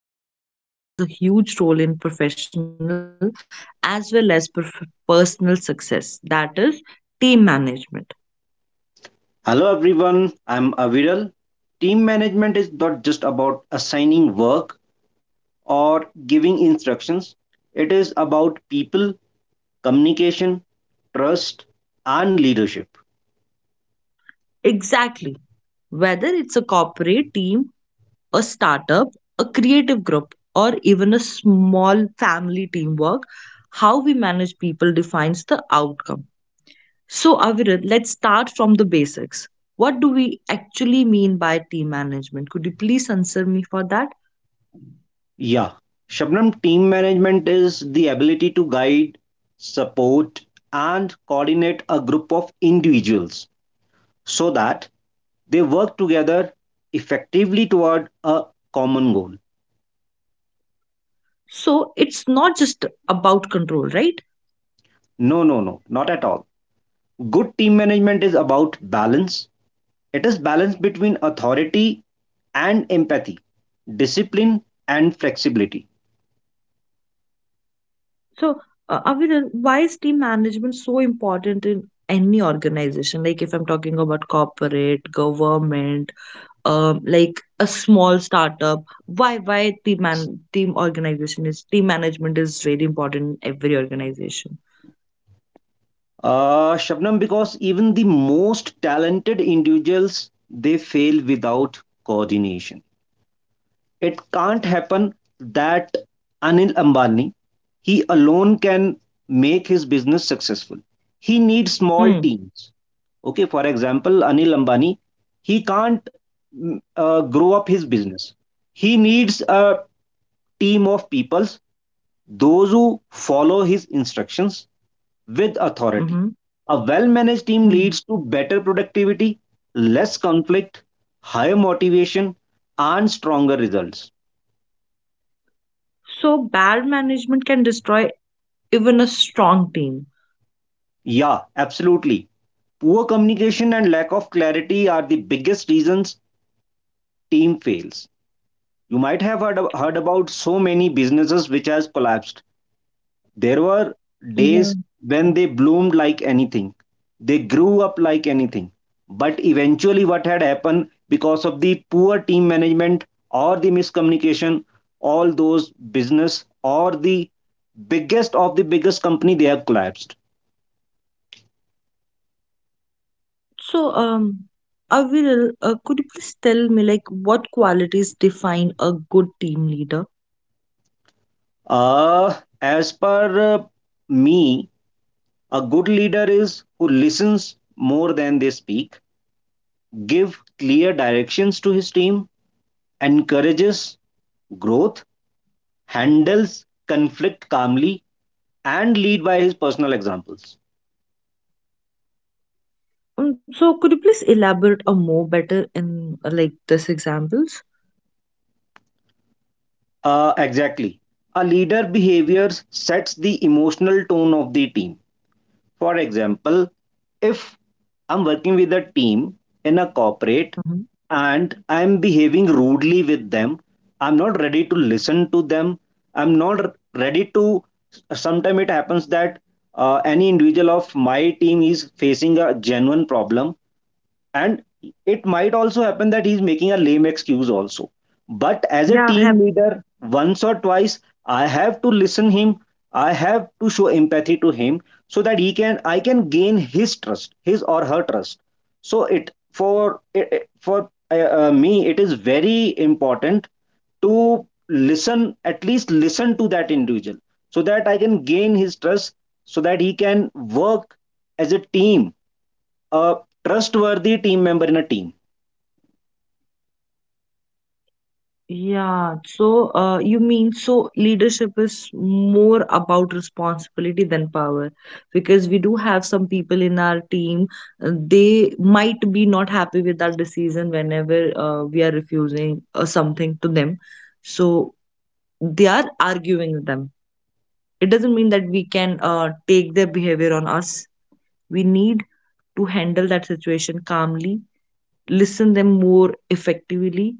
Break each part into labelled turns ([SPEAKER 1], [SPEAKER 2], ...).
[SPEAKER 1] discussing a topic that plays a huge role in professional as well as personal success, that is team management.
[SPEAKER 2] Hello everyone, I'm Aviral. Team management is not just about assigning work or giving instructions, it is about people, communication, trust, and leadership.
[SPEAKER 1] Exactly. Whether it's a corporate team, a startup, a creative group, or even a small family teamwork, how we manage people defines the outcome. So, Aviral, let's start from the basics. What do we actually mean by team management? Could you please answer me for that?
[SPEAKER 2] Yeah, Shabnam, team management is the ability to guide, support, and coordinate a group of individuals so that they work together effectively toward a common goal.
[SPEAKER 1] So, it's not just about control, right?
[SPEAKER 2] No, no, no, not at all. Good team management is about balance. It is balance between authority and empathy, discipline and flexibility.
[SPEAKER 1] So, Aviral, why is team management so important in any organization? Like, if I'm talking about corporate, government, like a small startup, why team management is very important in every organization.
[SPEAKER 2] Shabnam, because even the most talented individuals they fail without coordination. It can't happen that Anil Ambani, he alone can make his business successful. He needs small
[SPEAKER 1] Hmm.
[SPEAKER 2] teams. Okay, for example, Anil Ambani, he can't grow up his business. He needs a team of peoples, those who follow his instructions with authority.
[SPEAKER 1] Mm-hmm.
[SPEAKER 2] A well managed team
[SPEAKER 1] Hmm.
[SPEAKER 2] leads to better productivity, less conflict, higher motivation, and stronger results.
[SPEAKER 1] So bad management can destroy even a strong team.
[SPEAKER 2] Yeah, absolutely. Poor communication and lack of clarity are the biggest reasons team fails. You might have heard about so many businesses which has collapsed. There were
[SPEAKER 1] Yeah.
[SPEAKER 2] days when they bloomed like anything. They grew up like anything. But eventually what had happened because of the poor team management or the miscommunication, all those business or the biggest of the biggest company they have collapsed.
[SPEAKER 1] So, Avril, could you please tell me, like, what qualities define a good team leader?
[SPEAKER 2] Uh, as per me, a good leader is who listens more than they speak, give clear directions to his team, encourages growth, handles conflict calmly, and lead by his personal examples.
[SPEAKER 1] So, could you please elaborate a more better in, like, this examples?
[SPEAKER 2] Exactly. A leader behavior sets the emotional tone of the team. For example, if I'm working with a team in a corporate
[SPEAKER 1] Mhm.
[SPEAKER 2] and I'm behaving rudely with them, I'm not ready to listen to them. I'm not ready to. Sometimes it happens that any individual of my team is facing a genuine problem, and it might also happen that he's making a lame excuse also, but as a
[SPEAKER 1] Yeah,
[SPEAKER 2] team
[SPEAKER 1] happy.
[SPEAKER 2] leader, once or twice I have to listen him, I have to show empathy to him so that he can I can gain his trust, his or her trust. So it for it, for me it is very important to listen at least listen to that individual so that I can gain his trust, so that he can work as a team, a trustworthy team member in a team.
[SPEAKER 1] Yeah, so, you mean so leadership is more about responsibility than power, because we do have some people in our team, they might be not happy with our decision whenever we are refusing something to them. So they are arguing with them. It doesn't mean that we can take their behavior on us. We need to handle that situation calmly, listen them more effectively,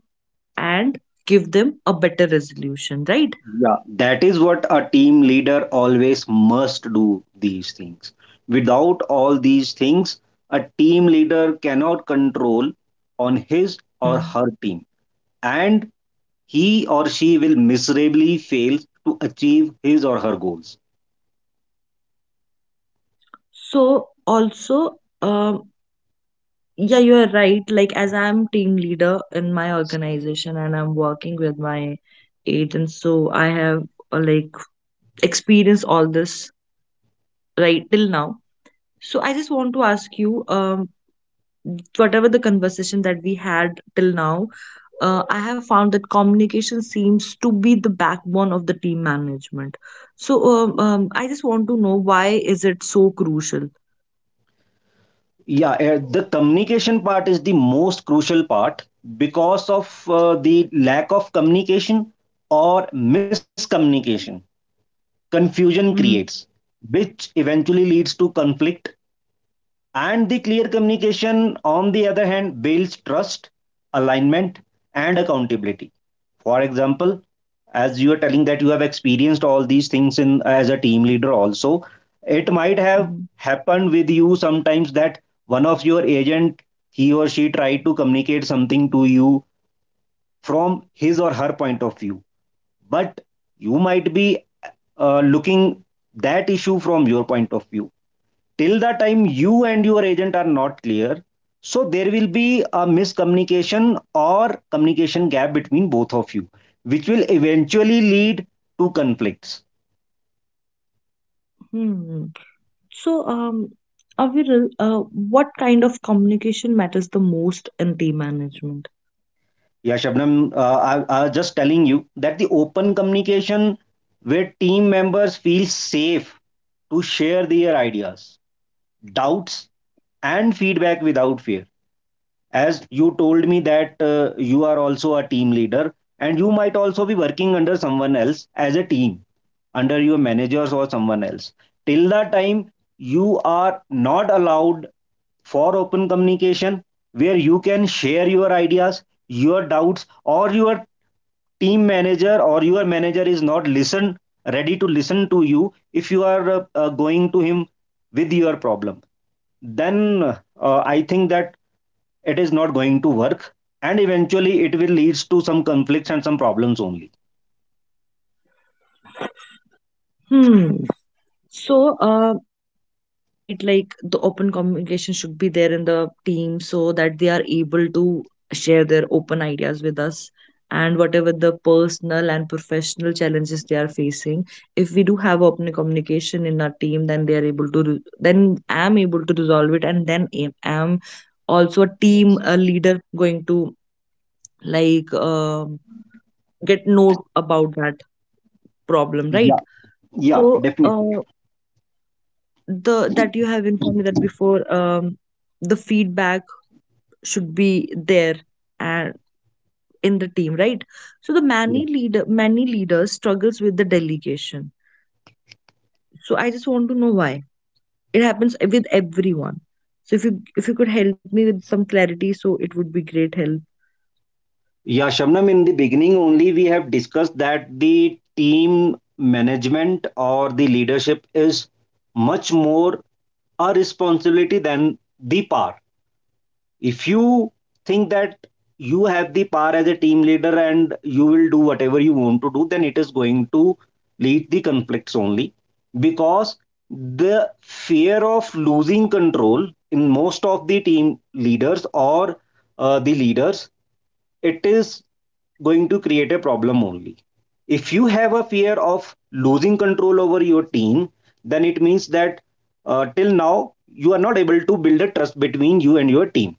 [SPEAKER 1] and give them a better resolution, right?
[SPEAKER 2] Yeah, that is what a team leader always must do, these things. Without all these things a team leader cannot control on his or
[SPEAKER 1] Mm.
[SPEAKER 2] her team, and he or she will miserably fail to achieve his or her goals.
[SPEAKER 1] So also, um, yeah, you are right. Like, as I'm team leader in my organization and I'm working with my agents, so I have, like, experienced all this right till now. So I just want to ask you, whatever the conversation that we had till now, I have found that communication seems to be the backbone of the team management. So I just want to know why is it so crucial?
[SPEAKER 2] Yeah, the communication part is the most crucial part, because of the lack of communication or miscommunication, confusion
[SPEAKER 1] Hmm.
[SPEAKER 2] creates, which eventually leads to conflict. And the clear communication, on the other hand, builds trust, alignment, and accountability. For example, as you are telling that you have experienced all these things in as a team leader also, it might have happened with you sometimes that one of your agent, he or she tried to communicate something to you from his or her point of view. But you might be looking that issue from your point of view. Till the time you and your agent are not clear, so there will be a miscommunication or communication gap between both of you, which will eventually lead to conflicts.
[SPEAKER 1] Hmm. So, Aviral, what kind of communication matters the most in team management?
[SPEAKER 2] Yeah, Shabnam, I was just telling you that the open communication where team members feel safe to share their ideas, doubts, and feedback without fear. As you told me that you are also a team leader, and you might also be working under someone else as a team, under your managers or someone else. Till that time you are not allowed for open communication where you can share your ideas, your doubts, or your team manager or your manager is not listen ready to listen to you, if you are going to him with your problem, then I think that it is not going to work, and eventually it will leads to some conflicts and some problems only.
[SPEAKER 1] Hmm. So, you are right, like the open communication should be there in the team so that they are able to share their open ideas with us and whatever the personal and professional challenges they are facing. If we do have open communication in our team, then they are able to, then I am able to resolve it, and then I am also a leader going to, like, get note about that problem,
[SPEAKER 2] Yeah,
[SPEAKER 1] right?
[SPEAKER 2] yeah,
[SPEAKER 1] So
[SPEAKER 2] definitely.
[SPEAKER 1] the that you have informed me that before, the feedback should be there and in the team, right? So the
[SPEAKER 2] Yeah,
[SPEAKER 1] many leaders struggles with the delegation. So I just want to know why it happens with everyone. So if you could help me with some clarity, so it would be great help.
[SPEAKER 2] yeah shabnam, in the beginning only we have discussed that the team management or the leadership is much more a responsibility than the power. If you think that you have the power as a team leader and you will do whatever you want to do, then it is going to lead the conflicts only, because the fear of losing control in most of the team leaders or the leaders, it is going to create a problem only. If you have a fear of losing control over your team, then it means that till now you are not able to build a trust between you and your team.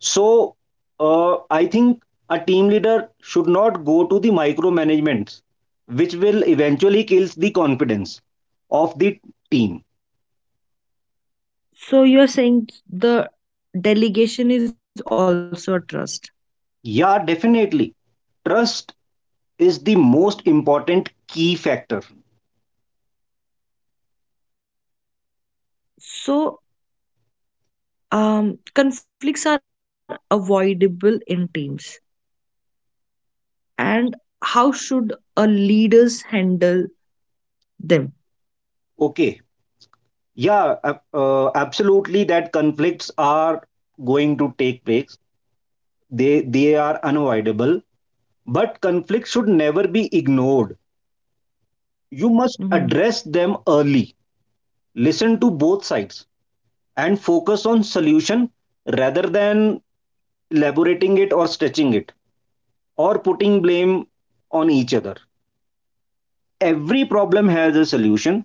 [SPEAKER 2] So I think a team leader should not go to the micromanagements, which will eventually kills the confidence of the team.
[SPEAKER 1] So you are saying the delegation is also a trust.
[SPEAKER 2] Yeah, definitely. Trust is the most important key factor.
[SPEAKER 1] So conflicts are avoidable in teams, and how should a leaders handle them?
[SPEAKER 2] Okay. Yeah, absolutely. That conflicts are going to take place. They are unavoidable. But conflict should never be ignored. You
[SPEAKER 1] Hmm.
[SPEAKER 2] must address them early. Listen to both sides and focus on solution rather than elaborating it or stretching it or putting blame on each other. Every problem has a solution.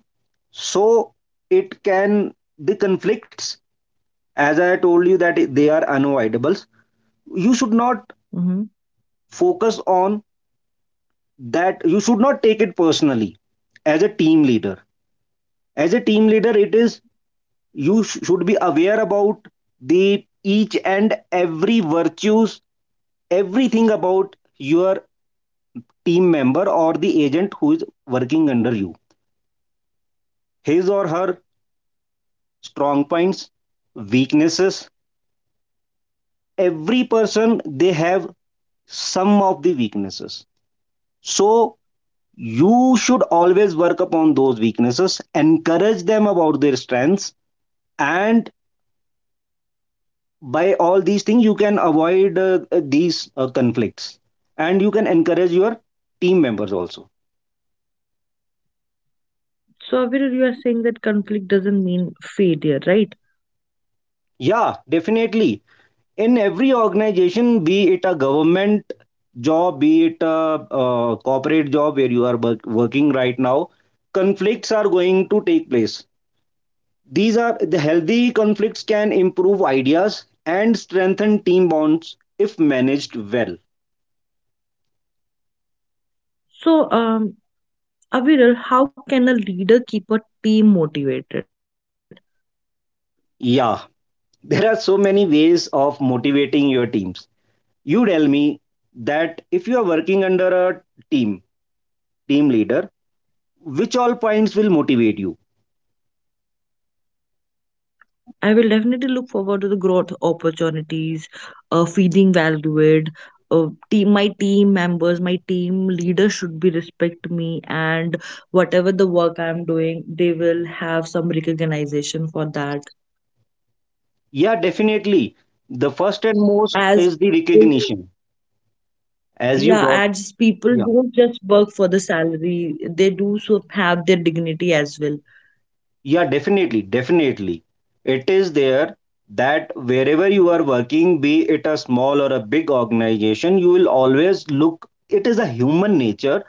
[SPEAKER 2] So it can the conflicts, as I told you, that they are unavoidables, you should not
[SPEAKER 1] Hmm.
[SPEAKER 2] focus on that, you should not take it personally. As a team leader, it is you should be aware about the each and every virtues, everything about your team member or the agent who is working under you, his or her strong points, weaknesses. Every person they have some of the weaknesses, so you should always work upon those weaknesses, encourage them about their strengths. And by all these things you can avoid these conflicts, and you can encourage your team members also.
[SPEAKER 1] So, Aviral, you are saying that conflict doesn't mean failure, right?
[SPEAKER 2] Yeah, definitely. In every organization, be it a government job, be it a corporate job where you are working right now, conflicts are going to take place. These are the healthy conflicts can improve ideas and strengthen team bonds if managed well.
[SPEAKER 1] So, Aviral, how can a leader keep a team motivated?
[SPEAKER 2] Yeah. There are so many ways of motivating your teams. You tell me that if you are working under a team team leader, which all points will motivate you?
[SPEAKER 1] I will definitely look forward to the growth opportunities, feeling valued. My team members, my team leader should be respect me, and whatever the work I'm doing, they will have some recognition for that.
[SPEAKER 2] Yeah, definitely. The first and most
[SPEAKER 1] As.
[SPEAKER 2] is the recognition, as you
[SPEAKER 1] Yeah,
[SPEAKER 2] brought.
[SPEAKER 1] as people
[SPEAKER 2] Yeah.
[SPEAKER 1] don't just work for the salary, they do so have their dignity as well.
[SPEAKER 2] Yeah, definitely, definitely. It is there that wherever you are working, be it a small or a big organization, you will always look, it is a human nature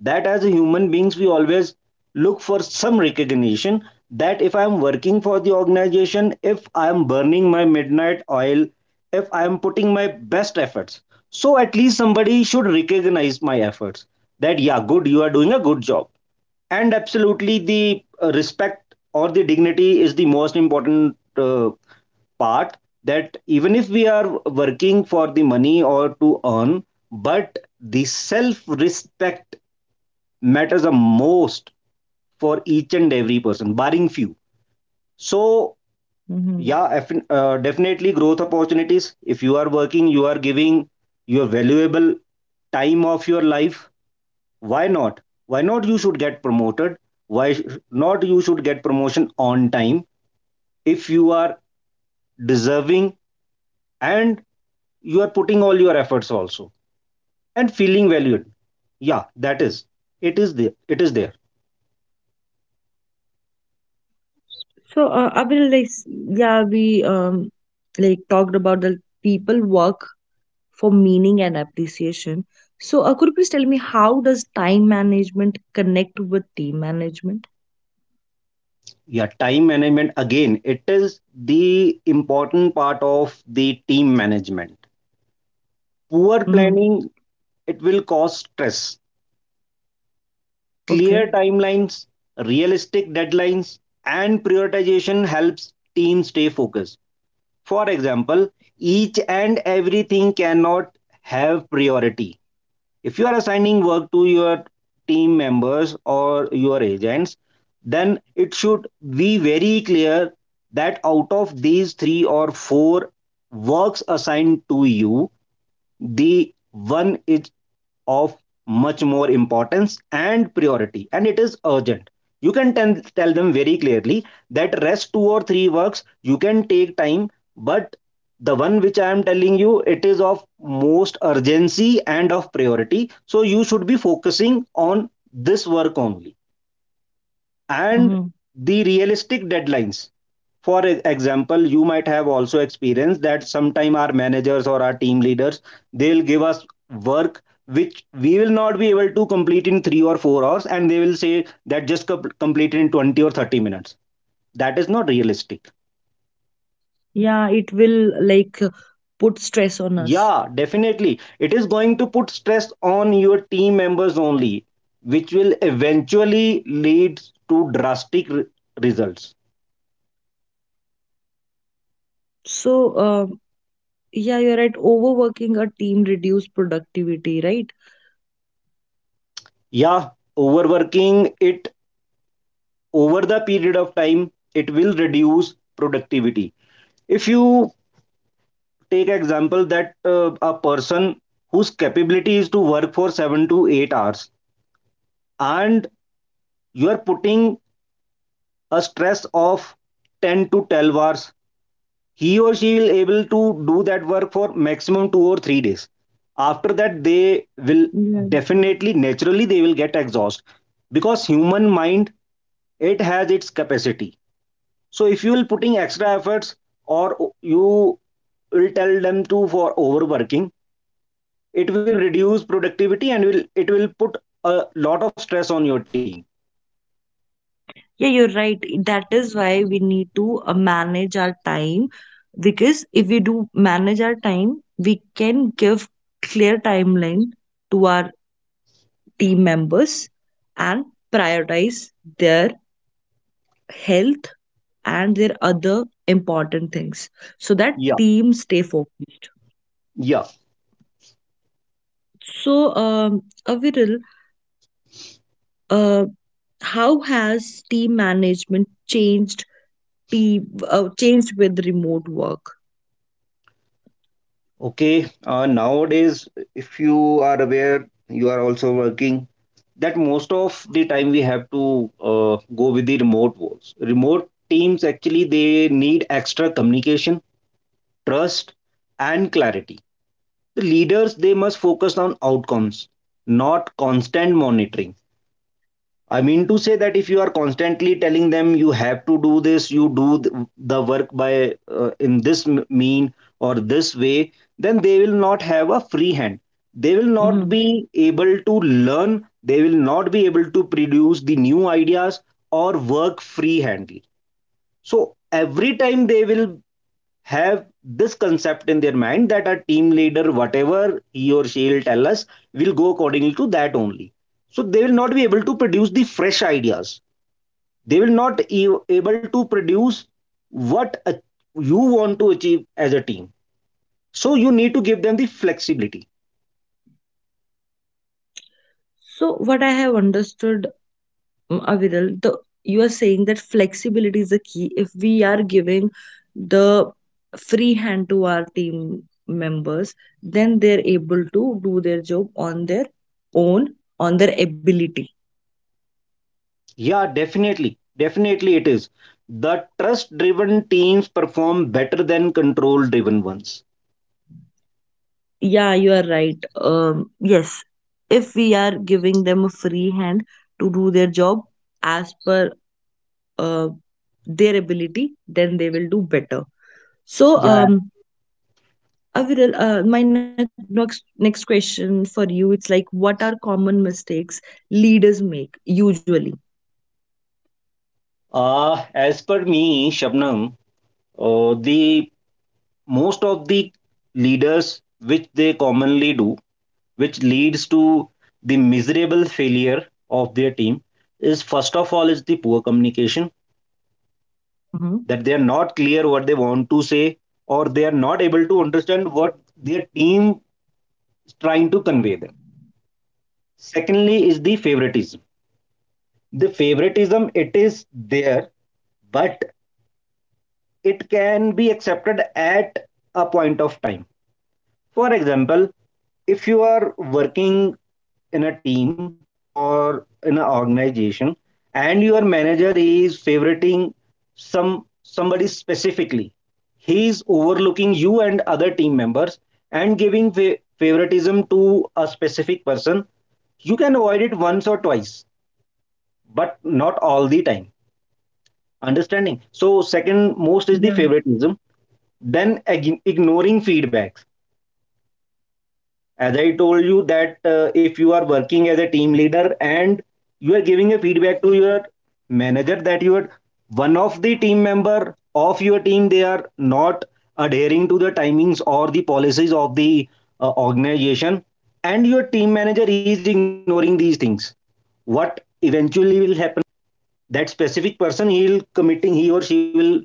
[SPEAKER 2] that as a human beings, we always look for some recognition, that if I am working for the organization, if I am burning my midnight oil, if I am putting my best efforts, so at least somebody should recognize my efforts, that, yeah, good, you are doing a good job. And absolutely the respect or the dignity is the most important part, that even if we are working for the money or to earn, but the self respect matters the most for each and every person barring few. So
[SPEAKER 1] Hmm.
[SPEAKER 2] yeah, definitely growth opportunities. If you are working, you are giving your valuable time of your life, why not, why not you should get promoted, why not you should get promotion on time, if you are deserving, and you are putting all your efforts also, and feeling valued. Yeah, that is, it is there, it is there.
[SPEAKER 1] So, I will like s- yeah, we like talked about the people work for meaning and appreciation. So, could you please tell me how does time management connect with team management?
[SPEAKER 2] Yeah, time management again, it is the important part of the team management. Poor
[SPEAKER 1] Mm-hmm.
[SPEAKER 2] planning, it will cause stress. Clear
[SPEAKER 1] Okay.
[SPEAKER 2] timelines, realistic deadlines, and prioritization helps teams stay focused. For example, each and everything cannot have priority. If you are assigning work to your team members or your agents, then it should be very clear that out of these 3 or 4 works assigned to you, the one is of much more importance and priority and it is urgent. You can tell them very clearly that rest 2 or 3 works you can take time, but the one which I am telling you, it is of most urgency and of priority, so you should be focusing on this work only. And
[SPEAKER 1] Mm-hmm.
[SPEAKER 2] the realistic deadlines. For example, you might have also experienced that sometime our managers or our team leaders, they'll give us work which we will not be able to complete in 3 or 4 hours, and they will say that just complete it in 20 or 30 minutes. That is not realistic.
[SPEAKER 1] Yeah, it will, like, put stress on us.
[SPEAKER 2] Yeah, definitely. It is going to put stress on your team members only, which will eventually lead to drastic results.
[SPEAKER 1] So, uh, yeah, you're right. Overworking a team reduce productivity, right?
[SPEAKER 2] Yeah, overworking it over the period of time, it will reduce productivity. If you take example that a person whose capability is to work for 7 to 8 hours, and you are putting a stress of 10 to 12 hours, he or she will able to do that work for maximum 2 or 3 days, after that they will
[SPEAKER 1] Yeah.
[SPEAKER 2] definitely, naturally they will get exhausted, because human mind, it has its capacity. So if you will putting extra efforts, or you will tell them to for overworking, it will reduce productivity and will it will put a lot of stress on your team.
[SPEAKER 1] Yeah, you're right. That is why we need to manage our time, because if we do manage our time, we can give clear timeline to our team members and prioritize their health and their other important things so
[SPEAKER 2] Yeah,
[SPEAKER 1] that teams stay focused.
[SPEAKER 2] yeah.
[SPEAKER 1] So, Aviral, uh, how has team management changed with remote work?
[SPEAKER 2] Okay. Nowadays, if you are aware, you are also working, that most of the time we have to go with the remote works. Remote teams actually, they need extra communication, trust, and clarity. The leaders they must focus on outcomes, not constant monitoring. I mean to say that if you are constantly telling them you have to do this, you do the work by in this mean or this way, then they will not have a free hand, they will not
[SPEAKER 1] Mhm.
[SPEAKER 2] be able to learn, they will not be able to produce the new ideas, or work freehandly. So every time they will have this concept in their mind that our team leader, whatever he or she will tell us, will go accordingly to that only. So they will not be able to produce the fresh ideas. They will not be able to produce what you want to achieve as a team. So you need to give them the flexibility.
[SPEAKER 1] So what I have understood, Aviral, you are saying that flexibility is the key. If we are giving the free hand to our team members, then they're able to do their job on their own, on their ability.
[SPEAKER 2] Yeah, definitely, definitely it is. The trust-driven teams perform better than control-driven ones.
[SPEAKER 1] Yeah, you are right. Yes, if we are giving them a free hand to do their job as per, uh, their ability, then they will do better. So,
[SPEAKER 2] Yeah.
[SPEAKER 1] I will, my next question for you, it's like, what are common mistakes leaders make usually?
[SPEAKER 2] As per me, Shabnam, the most of the leaders which they commonly do, which leads to the miserable failure of their team, is first of all is the poor communication,
[SPEAKER 1] Hmm.
[SPEAKER 2] that they are not clear what they want to say, or they are not able to understand what their team is trying to convey them. Secondly is the favoritism. The favoritism it is there, but it can be accepted at a point of time. For example, if you are working in a team or in an organization, and your manager is favoriting somebody specifically, he is overlooking you and other team members and giving favoritism to a specific person. You can avoid it once or twice, but not all the time, understanding. So second most is the
[SPEAKER 1] Yeah.
[SPEAKER 2] favoritism. Then ignoring feedbacks. As I told you that if you are working as a team leader and you are giving a feedback to your manager that you are one of the team member of your team, they are not adhering to the timings or the policies of the organization, and your team manager is ignoring these things, what eventually will happen, that specific person, he or she will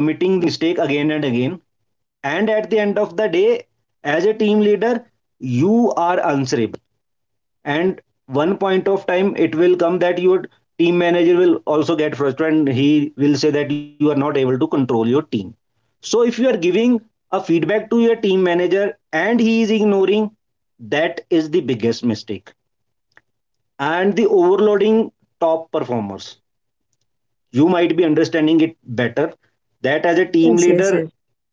[SPEAKER 2] committing the mistake again and again, and at the end of the day, as a team leader, you are answerable, and one point of time it will come that your team manager will also get frustrated.
[SPEAKER 1] Yes, yes, yes.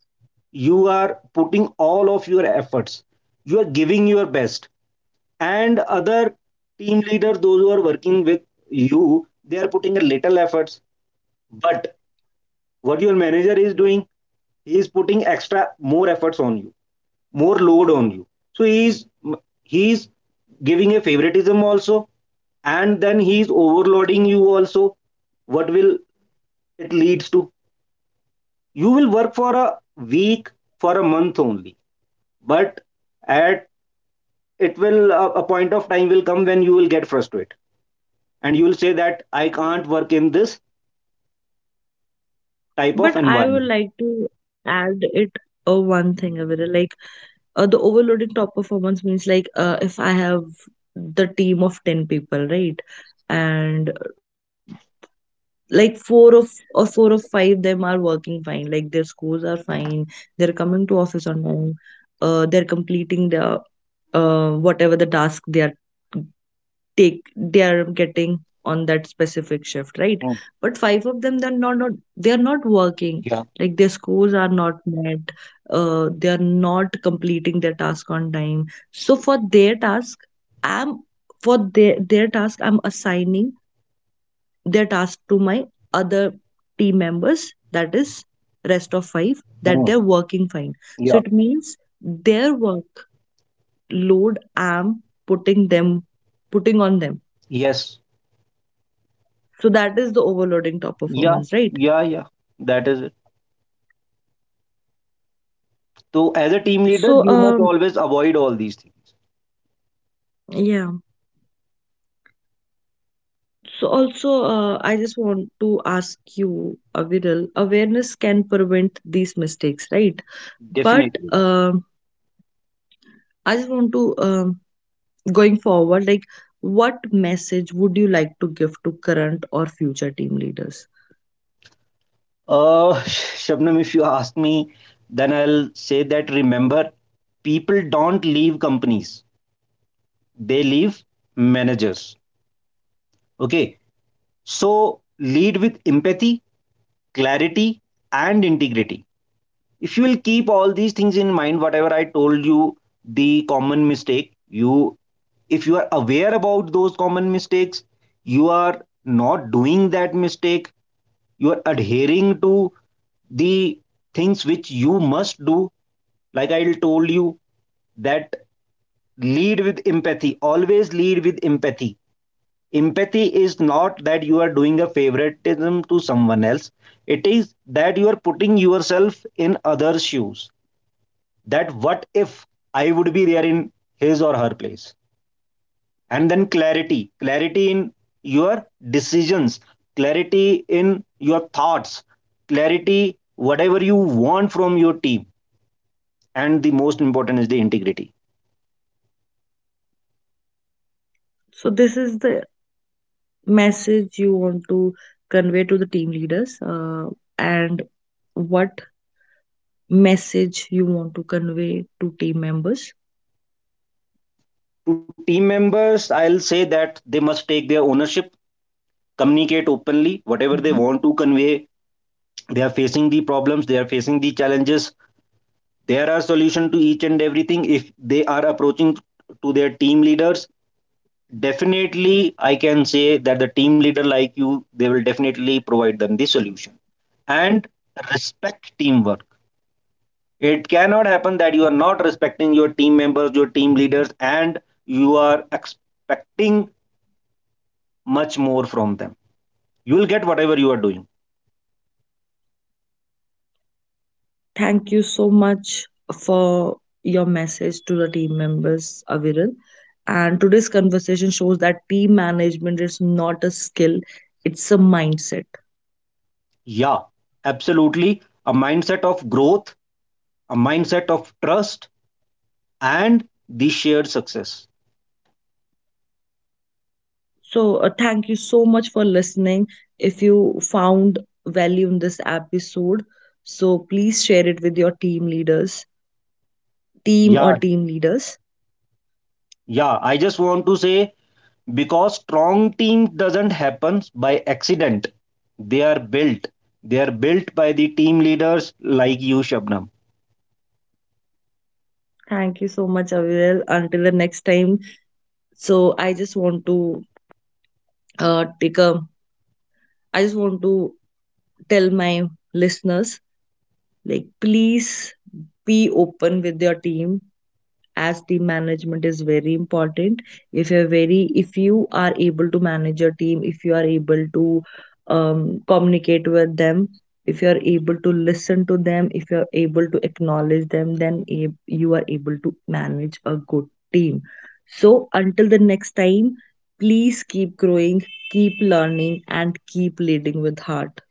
[SPEAKER 1] But I would like to add it, one thing, Avira. Like, the overloading top performance means, like, if I have the team of 10 people, right? And, like, four of or four of five them are working fine, like their scores are fine, they're coming to office on time, they're completing the, whatever the task they are getting on that specific shift, right? But five of them, they're not they are not working, like their scores are not met, they are not completing their task on time. So i'm for their task I'm assigning their task to my other team members, that is rest of five that they're working fine. So it means their workload I'm putting them putting on them. So that is the overloading top performance, right? So yeah, so also, I just want to ask you, Aviral, awareness can prevent these mistakes, right? But, um I just want to. Going forward, like, what message would you like to give to current or future team leaders? So this is the message you want to convey to the team leaders, and what message you want to convey to team members. Mhm. Thank you so much for your message to the team members, Aviral. And today's conversation shows that team management is not a skill, it's a mindset. So, thank you so much for listening. If you found value in this episode, so please share it with your team leaders, team or team leaders. Thank you so much, Aviral. Until the next time. So, uh, take a, I just want to tell my listeners, like, please be open with your team, as team management is very important. If you are able to manage your team, if you are able to communicate with them, if you are able to listen to them, if you are able to acknowledge them, then you are able to manage a good team. So until the next time, please keep growing, keep learning, and keep leading with heart.